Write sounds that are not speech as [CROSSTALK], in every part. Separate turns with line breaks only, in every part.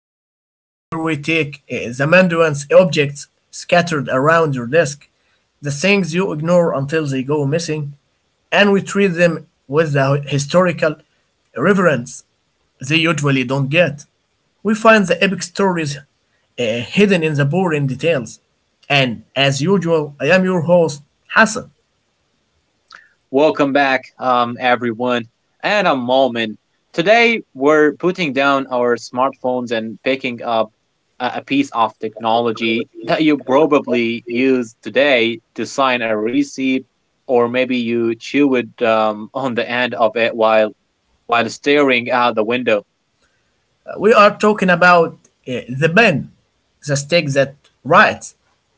the podcast where we take the Mandarin's objects scattered around your desk, the things you ignore until they go missing, and we treat them with the historical reverence they usually don't get. We find the epic stories hidden in the boring details. And as usual, I am your host, Hassan.
Welcome back, everyone, and I'm Malman. Today, we're putting down our smartphones and picking up a piece of technology that you probably use today to sign a receipt, or maybe you chew it on the end of it while staring out the window.
We are talking about the pen, the stick that writes.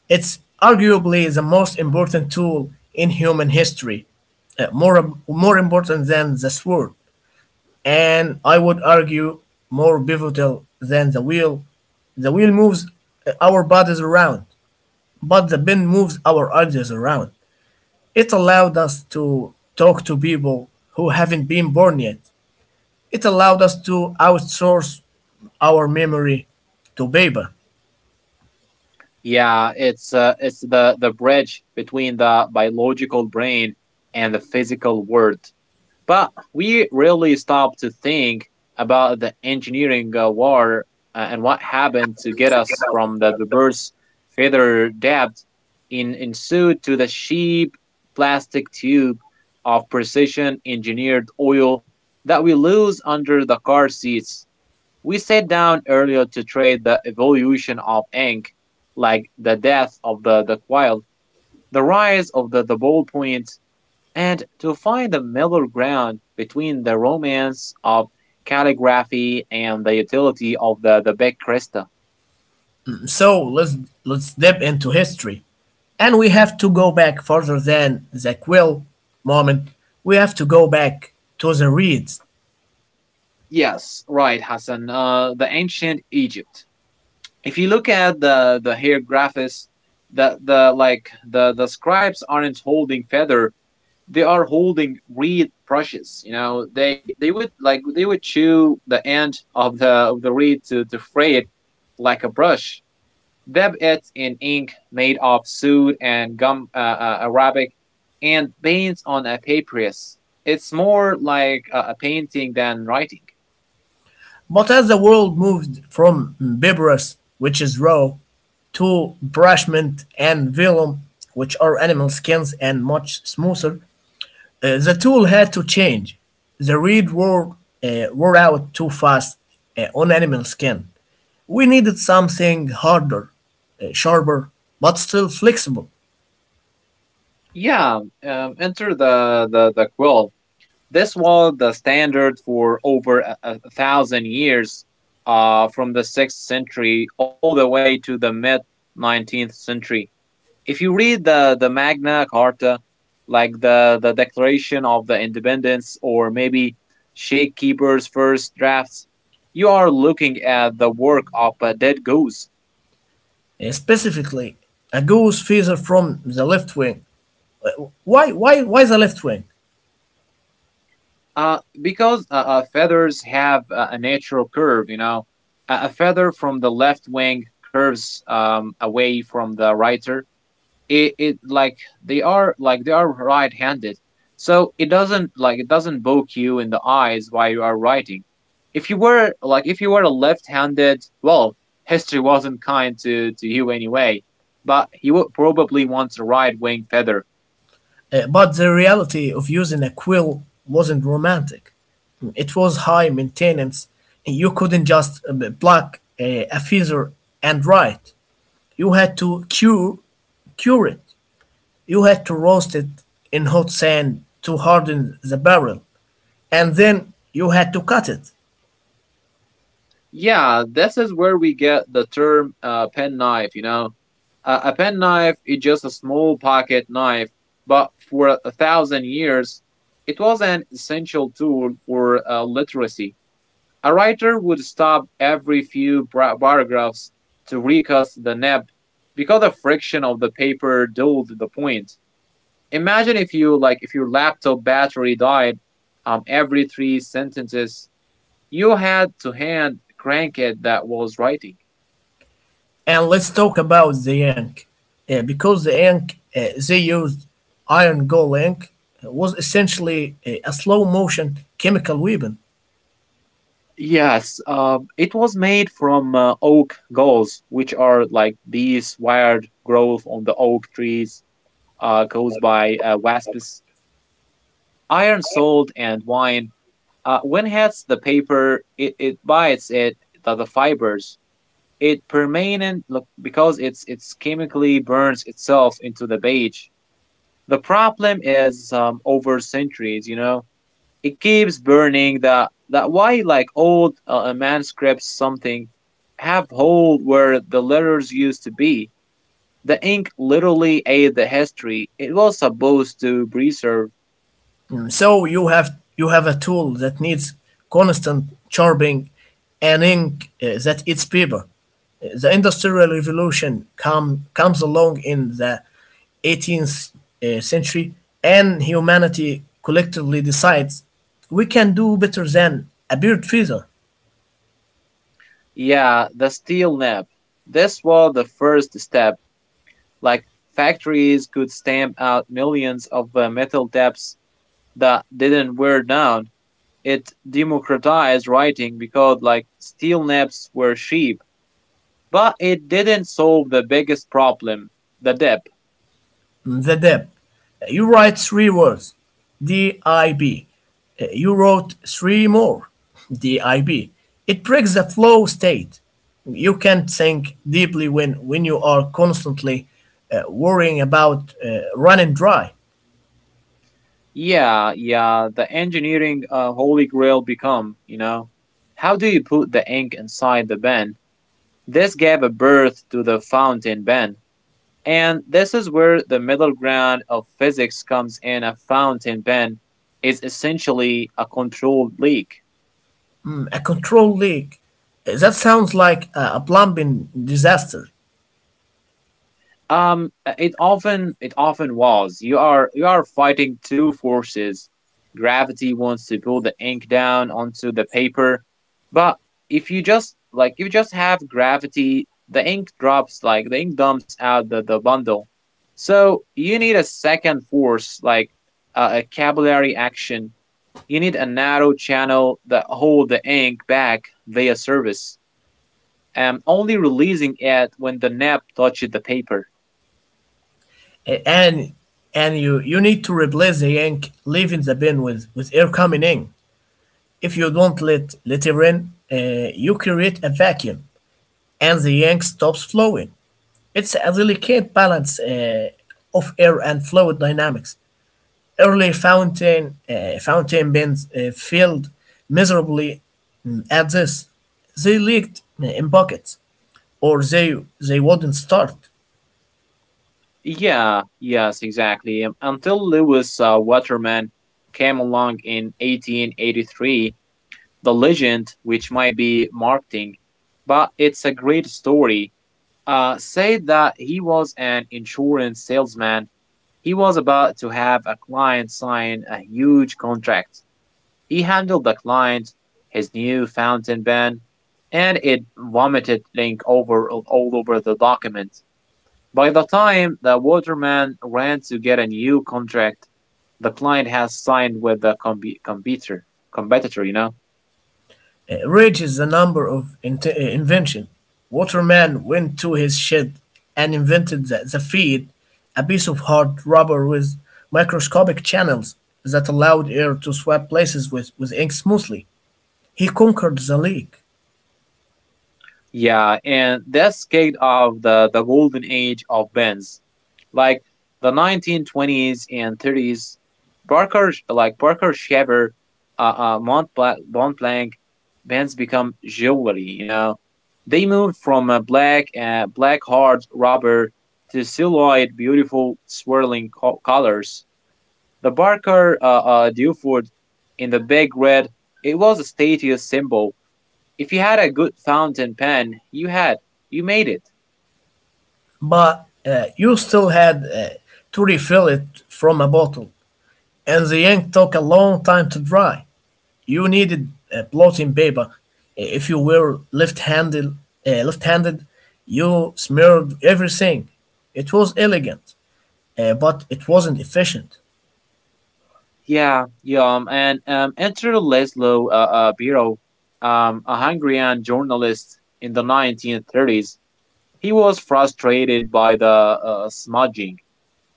It's arguably the most important tool in human history, more important than the sword, and I would argue more pivotal than the wheel. The wheel moves our bodies around, but the pen moves our ideas around. It allowed us to talk to people who haven't been born yet. It allowed us to outsource our memory to paper.
Yeah, it's the bridge between the biological brain and the physical world. But we rarely stop to think about the engineering war and what happened to get us from the bird's feather depth in suit to the cheap plastic tube of precision engineered oil that we lose under the car seats. We sat down earlier to trade the evolution of ink, like the death of the quail, the rise of the ballpoint, and to find the middle ground between the romance of calligraphy and the utility of the big crystal.
So let's dip into history. And we have to go back further than the quill moment. We have to go back to the reeds.
Yes, right, Hassan. The ancient Egypt. If you look at the hieroglyphs, the like the scribes aren't holding feather; they are holding reed brushes. You know, they would chew the end of the reed to fray it like a brush. Debits in ink made of soot and gum arabic and paints on a papyrus. It's more like a painting than writing.
But as the world moved from papyrus, which is raw, to parchment and vellum, which are animal skins and much smoother, the tool had to change. The reed wore out too fast on animal skin. We needed something harder, sharper, but still flexible.
Yeah, enter the quill. This was the standard for over a thousand years, from the 6th century all the way to the mid 19th century. If you read the Magna Carta, like the Declaration of the Independence, or maybe Shakekeeper's first drafts, you are looking at the work of a dead goose.
Specifically, a goose feather from the left wing. Why the left wing?
Because feathers have a natural curve, you know, a feather from the left wing curves away from the righter, it they are like they are right-handed, so it doesn't like it doesn't poke you in the eyes while you are writing. If you were like if you were a left-handed, well, history wasn't kind to you anyway, but you would probably want a right wing feather.
But the reality of using a quill wasn't romantic. It was high maintenance. You couldn't just pluck a feather and write. You had to cure it. You had to roast it in hot sand to harden the barrel, and then you had to cut it.
Yeah, this is where we get the term pen, you know. A penknife is just a small pocket knife, but for a thousand years it was an essential tool for literacy. A writer would stop every few paragraphs to recast the nib, because the friction of the paper dulled the point. Imagine if you like if your laptop battery died every three sentences, you had to hand crank it. That was writing.
And let's talk about the ink, because the ink they used, iron gall ink, was essentially a slow motion chemical weapon.
Yes, it was made from oak galls, which are like these wired growth on the oak trees caused by wasps. Iron, salt, and wine. When hits the paper, it bites it, the fibers. It permanent look, because it's chemically burns itself into the page. The problem is over centuries, you know, it keeps burning. That that why like old manuscripts something have hole where the letters used to be. The ink literally ate the history it was supposed to preserve.
So you have a tool that needs constant sharpening and ink that eats paper. The Industrial Revolution comes along in the 18th century, and humanity collectively decides we can do better than a bird feather.
Yeah, the steel nib. This was the first step. Like factories could stamp out millions of metal debts that didn't wear down. It democratized writing because like steel naps were cheap, but it didn't solve the biggest problem, the debt.
The dib. You write three words, DIB. You wrote three more, DIB. It breaks the flow state. You can't think deeply when you are constantly worrying about running dry.
Yeah, the engineering holy grail become, you know. How do you put the ink inside the pen? This gave a birth to the fountain pen. And this is where the middle ground of physics comes in. A fountain pen is essentially a controlled leak.
Mm, a control leak. That sounds like a plumbing disaster.
Um, it often was. You are fighting two forces. Gravity wants to pull the ink down onto the paper, but if you just like if you just have gravity, the ink drops like the ink dumps out the bundle. So you need a second force like a capillary action. You need a narrow channel that hold the ink back via surface, and only releasing it when the nib touches the paper.
And and you need to replace the ink leaving the bin with air coming in. If you don't let litter in, you create a vacuum and the yank stops flowing. It's a delicate balance of air and fluid dynamics. Early fountain bins failed miserably at this. They leaked in buckets, or they wouldn't start.
Yeah, yes, exactly. Until Lewis Waterman came along in 1883, the legend, which might be marketing, but it's a great story, said that he was an insurance salesman. He was about to have a client sign a huge contract. He handled the client, his new fountain pen, and it vomited ink over all over the document. By the time the waterman ran to get a new contract, the client has signed with the computer competitor, you know.
Reaches the number of invention. Waterman went to his shed and invented the feed, a piece of hard rubber with microscopic channels that allowed air to swap places with ink smoothly. He conquered the leak,
Yeah, and that's kind of the golden age of bands. Like the 1920s and 30s, Parker, like Parker Shaver, Montblanc bands become jewelry, you know? They moved from a black, black hard rubber to silhouette beautiful swirling colors. The Barker Duford in the big red, it was a status symbol. If you had a good fountain pen, you had. You made it.
but you still had to refill it from a bottle, and the ink took a long time to dry. You needed blotting paper. If you were left-handed, you smeared everything. It was elegant, but it wasn't efficient.
Yeah, yeah, and enter Laszlo Biro, a Hungarian journalist in the 1930s. He was frustrated by the smudging.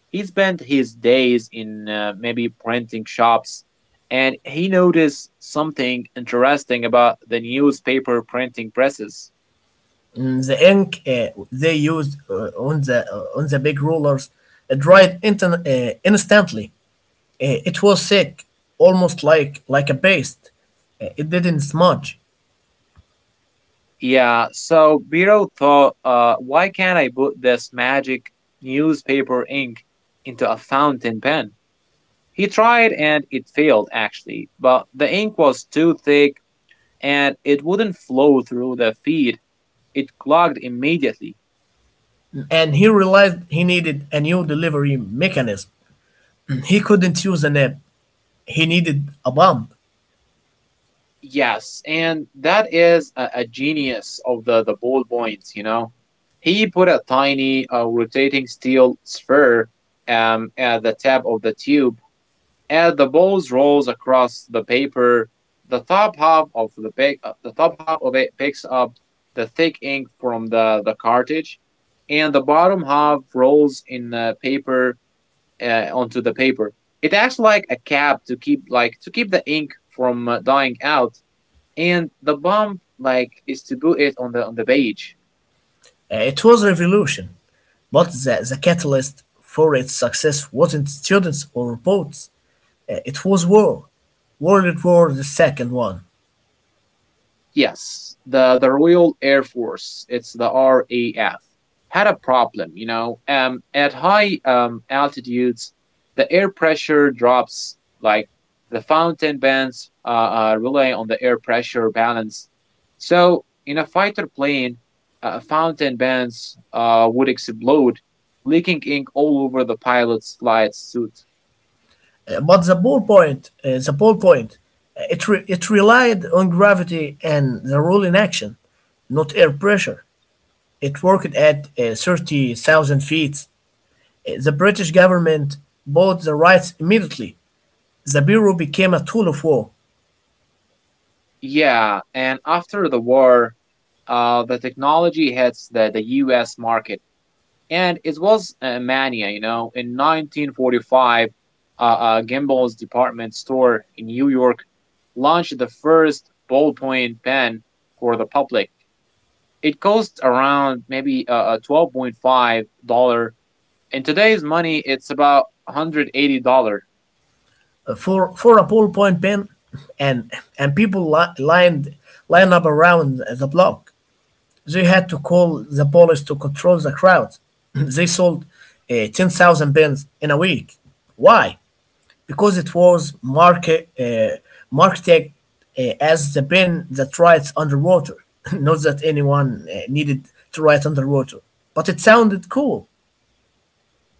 He spent his days in maybe printing shops, and he noticed something interesting about the newspaper printing presses.
Mm, the ink they used on the on the big rollers dried instantly. It was thick, almost like a paste. It didn't smudge.
Yeah, so Biro thought, why can't I put this magic newspaper ink into a fountain pen? He tried and it failed actually, but the ink was too thick and it wouldn't flow through the feed. It clogged immediately.
And he realized he needed a new delivery mechanism. He couldn't use a nib. He needed a bump.
Yes, and that is a genius of the ballpoint, you know. He put a tiny rotating steel sphere at the tip of the tube. As the balls rolls across the paper, the top half of it picks up the thick ink from the cartridge, and the bottom half rolls in the paper onto the paper. It acts like a cap to keep like to keep the ink from dying out, and the bomb like is to put it on the page.
It was revolution, but the catalyst for its success wasn't students or boats. It was war, World War the second one.
Yes, the Royal Air Force, it's the RAF, had a problem, you know. At high altitudes, the air pressure drops like the fountain bands rely on the air pressure balance. So, in a fighter plane, fountain bands would explode, leaking ink all over the pilot's flight suit.
But the ballpoint, it relied on gravity and the rolling action, not air pressure. It worked at 30,000 feet. The British government bought the rights immediately. The bureau became a tool of war.
Yeah, and after the war, the technology hits the US market. And it was a mania, you know. In 1945, Gimbel's department store in New York launched the first ballpoint pen for the public. It costs around maybe twelve point dollars. In today's money, it's about $180.
For a ballpoint pen, and and people lined up around the block. They had to call the police to control the crowd. [CLEARS THROAT] They sold 10,000 pens in a week. Why? Because it was marketed as the pen that writes underwater. [LAUGHS] Not that anyone needed to write underwater, but it sounded cool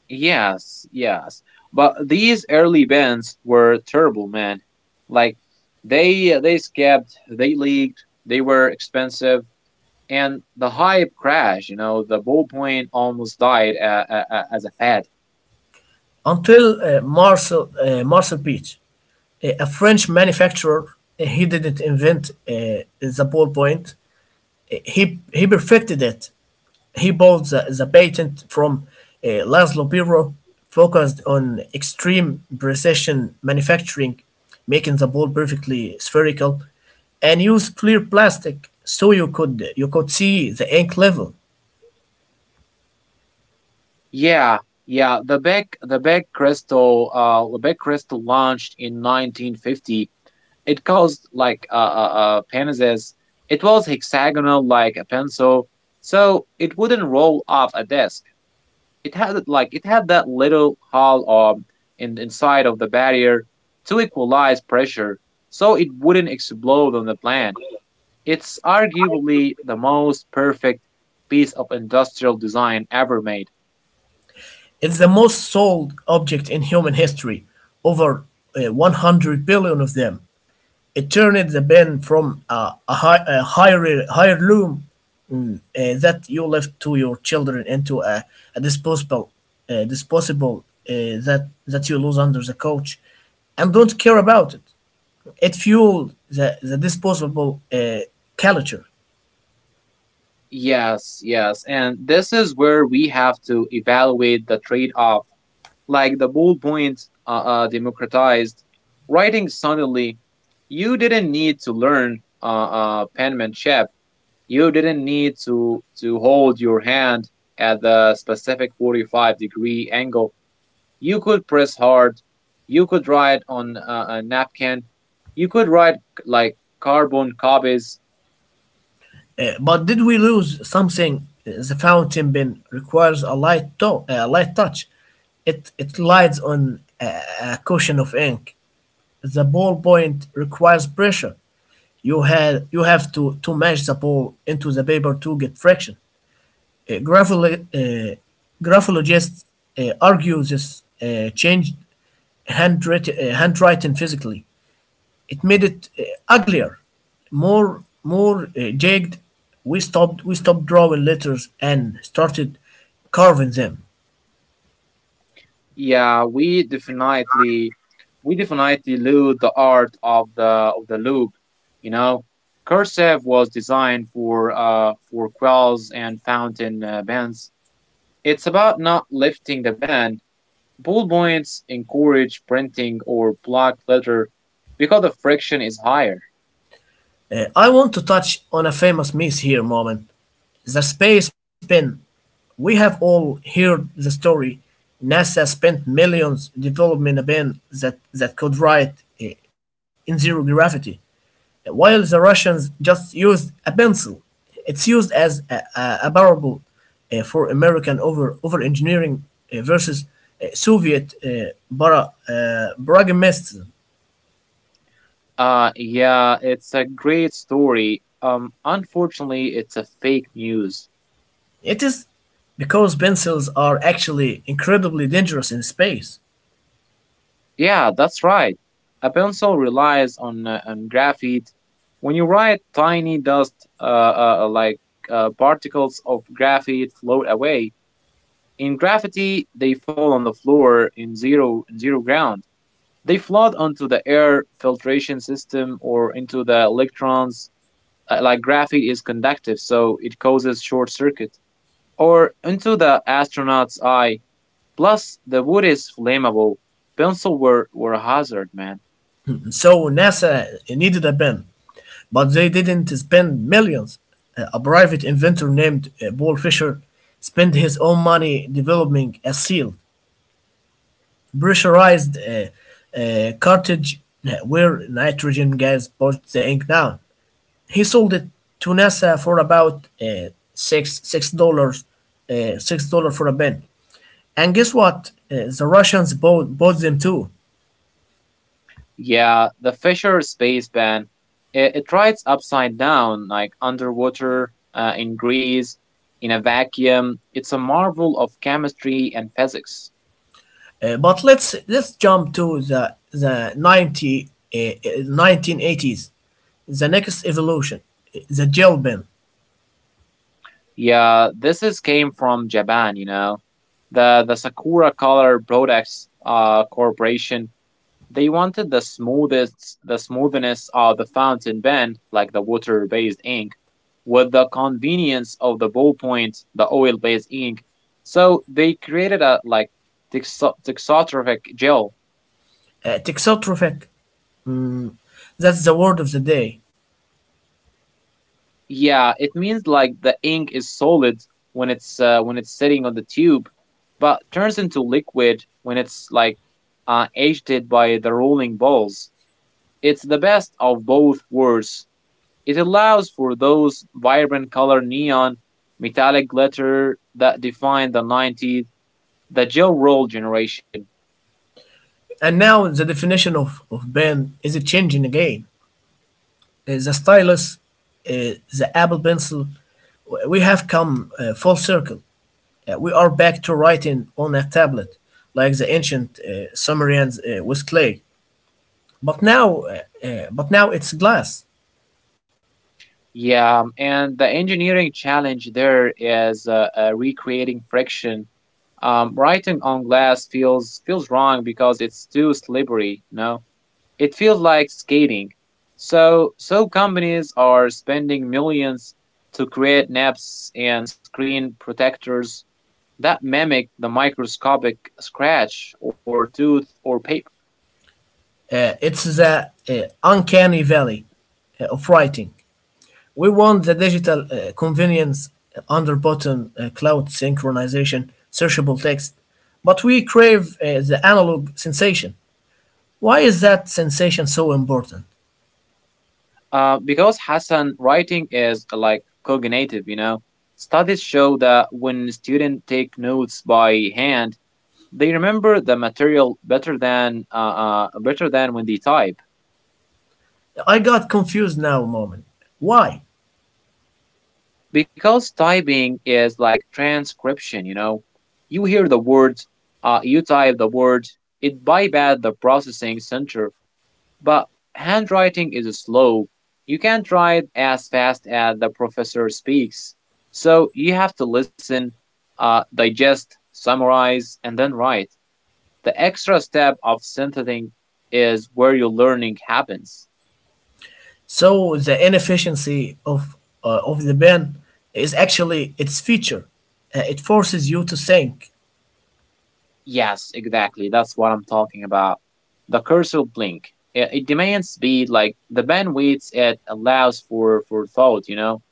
Yes, yes. But these early bands were terrible, man. Like they skipped, they leaked, they were expensive, and the hype crashed. You know, the ballpoint almost died as a fad.
until Marcel Beach, a French manufacturer. He didn't invent the ballpoint. Eh, He he perfected it. He bought the patent from Laszlo Biro, focused on extreme precision manufacturing, making the ball perfectly spherical, and used clear plastic so you could see the ink level.
Yeah, yeah. The Beck Crystal launched in 1950. It caused like a penises. It was hexagonal like a pencil, so it wouldn't roll off a desk. It had like it had that little hole in inside of the barrier to equalize pressure, so it wouldn't explode on the plant. It's arguably the most perfect piece of industrial design ever made.
It's the most sold object in human history, over 100 billion of them. It turned the band from a, hi- a hire- heirloom mm, uh, that you left to your children into a disposable that you lose under the couch, and don't care about it. It fueled the disposable culture.
Yes, yes, and this is where we have to evaluate the trade off. Like the ballpoint democratized writing suddenly. You didn't need to learn penmanship. You didn't need to hold your hand at the specific 45-degree angle. You could press hard. You could write on a napkin. You could write like carbon copies.
But did we lose something? The fountain pen requires a light touch. It lies on a cushion of ink. The ballpoint requires pressure. You have to mash the ball into the paper to get friction. Uh, grapholo- uh, Graphologists argue this changed handwriting physically. It made it uglier, more jagged. We stopped drawing letters and started carving them.
Yeah, we definitely lose the art of the loop. You know, cursive was designed for quells and fountain pens. It's about not lifting the pen. Ball points encourage printing or block letter because the friction is higher.
I want to touch on a famous myth here moment, the space pen. We have all heard the story. NASA spent millions developing a pen that could write in zero gravity, while the Russians just used a pencil. It's used as a a parable for American over engineering versus Soviet para, pragmatism.
Yeah, it's a great story. Unfortunately, it's a fake news.
It is, because pencils are actually incredibly dangerous in space.
Yeah, that's right. A pencil relies on graphite. When you write, tiny dust, like particles of graphite, float away. In gravity, they fall on the floor in zero, zero ground. They float onto the air filtration system or into the electrons. Like graphite is conductive, so it causes short circuit, or into the astronaut's eye. Plus, the wood is flammable. Pencils were a hazard, man.
And so NASA needed a pen, but they didn't spend millions. A private inventor named Paul Fisher spent his own money developing a sealed, pressurized cartridge where nitrogen gas pushed the ink down. He sold it to NASA for about six dollars, $6 for a pen. And guess what? The Russians bought, bought them too.
Yeah, the Fisher space ban. It rides upside down, like underwater, in grease, in a vacuum. It's a marvel of chemistry and physics.
But let's jump to the the 90, uh, uh, 1980s. The next evolution, the gel pen.
Yeah, this is came from Japan, you know. The Sakura Color Products Corporation. They wanted the smoothest, the smoothness of the fountain pen, like the water-based ink, with the convenience of the ballpoint, the oil-based ink. So they created a like texotrophic gel.
Texotrophic. That's the word of the day.
Yeah, it means like the ink is solid when it's sitting on the tube, but turns into liquid when it's like aged by the rolling balls. It's the best of both worlds. It allows for those vibrant color neon, metallic glitter that defined the 90s, the Joe Roll generation.
And now the definition of pen is changing again. The stylus, uh, the Apple Pencil, we have come full circle. We are back to writing on a tablet, like the ancient Sumerians with clay. But now it's glass.
Yeah, and the engineering challenge there is recreating friction. Writing on glass feels wrong because it's too slippery. No, it feels like skating. So companies are spending millions to create naps and screen protectors that mimic the microscopic scratch or tooth or paper.
It's the uncanny valley of writing. We want the digital convenience under button cloud synchronization, searchable text, but we crave the analog sensation. Why is that sensation so important?
Because Hassan, writing is like cognitive, you know. Studies show that when students take notes by hand, they remember the material better than when they type,
I got confused now, a moment. Why?
because typing is like transcription. You know, you hear the word, you type the word. It bypass the processing center. But handwriting is slow. You can't write as fast as the professor speaks. So you have to listen, digest, summarize, and then write. The extra step of synthesizing is where your learning happens.
So the inefficiency of the pen is actually its feature. It forces you to think.
Yes, exactly. That's what I'm talking about. The cursor blink. It demands speed, like the bandwidth it allows for thought, you know.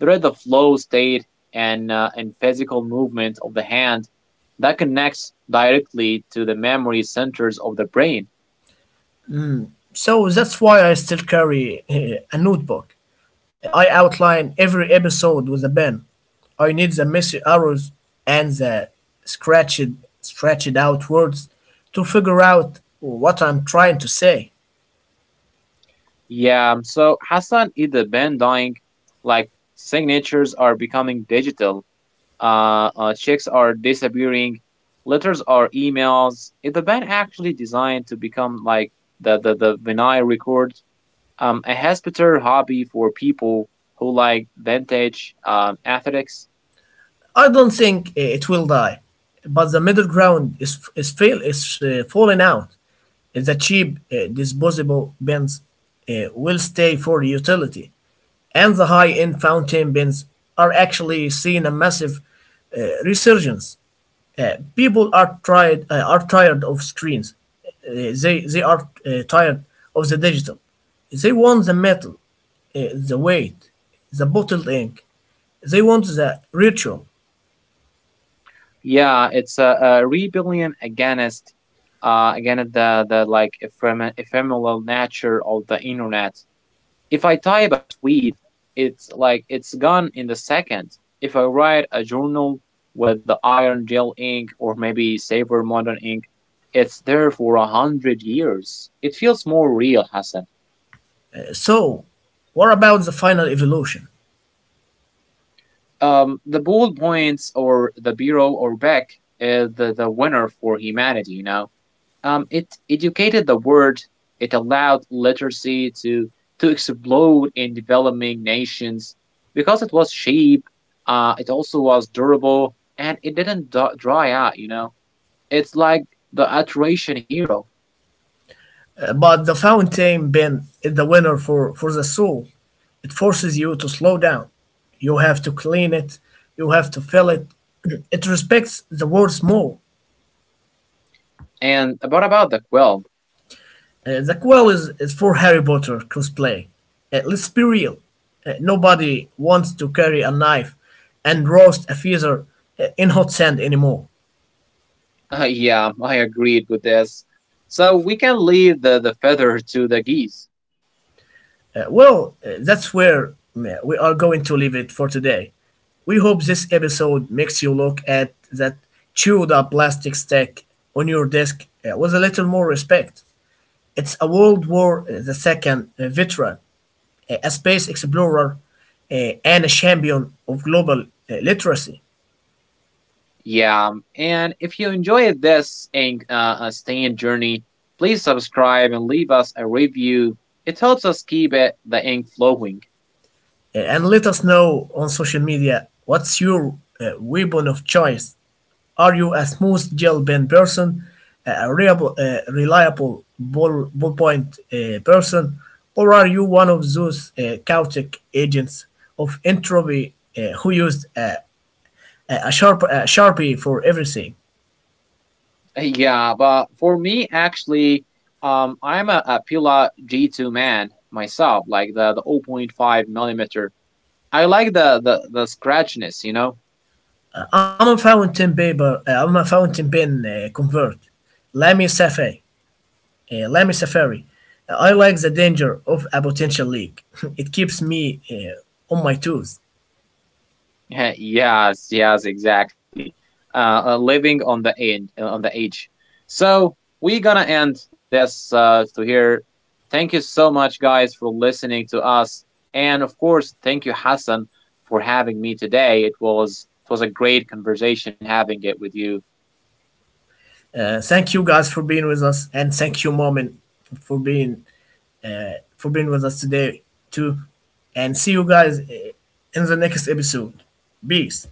There is the flow state and physical movement of the hand that connects directly to the memory centers of the brain.
So that's why I still carry a notebook. I outline every episode with a pen. I need the messy arrows and the scratched, scratched out words to figure out what I'm trying to say.
Yeah, so Hassan, is the band dying, like signatures are becoming digital. Checks are disappearing, letters are emails. Is the band actually designed to become like the vinyl record, a hospital hobby for people who like vintage athletics?
I don't think it will die, but the middle ground is fail is falling out. The cheap disposable pens will stay for utility, and the high-end fountain pens are actually seeing a massive resurgence. People are tired of screens. Uh, they are tired of the digital. They want the metal, the weight, the bottled ink. They want the ritual.
Yeah, it's a rebellion against against the like ephemeral nature of the internet. If I type a tweet, it's like it's gone in the second. If I write a journal with the iron gel ink or maybe saver modern ink, it's there for 100 years. It feels more real, Hassan.
So, what about the final evolution?
The ball points or the bureau or back is the winner for humanity, you know? It educated the world. It allowed literacy to explode in developing nations because it was cheap. It also was durable and it didn't d- dry out. You know, it's like the iteration hero.
But the fountain pen is the winner for the soul. It forces you to slow down. You have to clean it. You have to fill it. [CLEARS THROAT] It respects the words more.
And what about the quill?
The quell is for Harry Potter cosplay. Let's be real. Nobody wants to carry a knife and roast a feather in hot sand anymore.
[LAUGHS] Yeah, I agreed with this. So we can leave the feather to the geese.
Well, that's where we are going to leave it for today. We hope this episode makes you look at that chewed up plastic stack on your desk with a little more respect. It's a World War II veteran, a space explorer, uh, and a champion of global literacy.
Yeah, and if you enjoyed this and staying journey, please subscribe and leave us a review. It helps us keep it the ink flowing. [LAUGHS]
And let us know on social media what's your weapon of choice. Are you a smooth gel pen person, a reliable ballpoint person, or are you one of those chaotic agents of entropy who used a sharpie for everything?
Yeah, but for me actually, I'm a Pila G2 man myself, like the 0 0.5 millimeter. I like the scratchiness, you know.
I'm a fountain paper. I'm a fountain pen convert. Lamy Safari. Lamy Safari. I like the danger of a potential leak. [LAUGHS] It keeps me on my toes.
[LAUGHS] Yes, yes, exactly. Living on the edge, on the edge. So we're gonna end this to here. Thank you so much, guys, for listening to us, and of course, thank you, Hassan, for having me today. It was a great conversation having it with you.
Thank you guys for being with us, and thank you, Momin, for being for being with us today too. And see you guys in the next episode. Peace.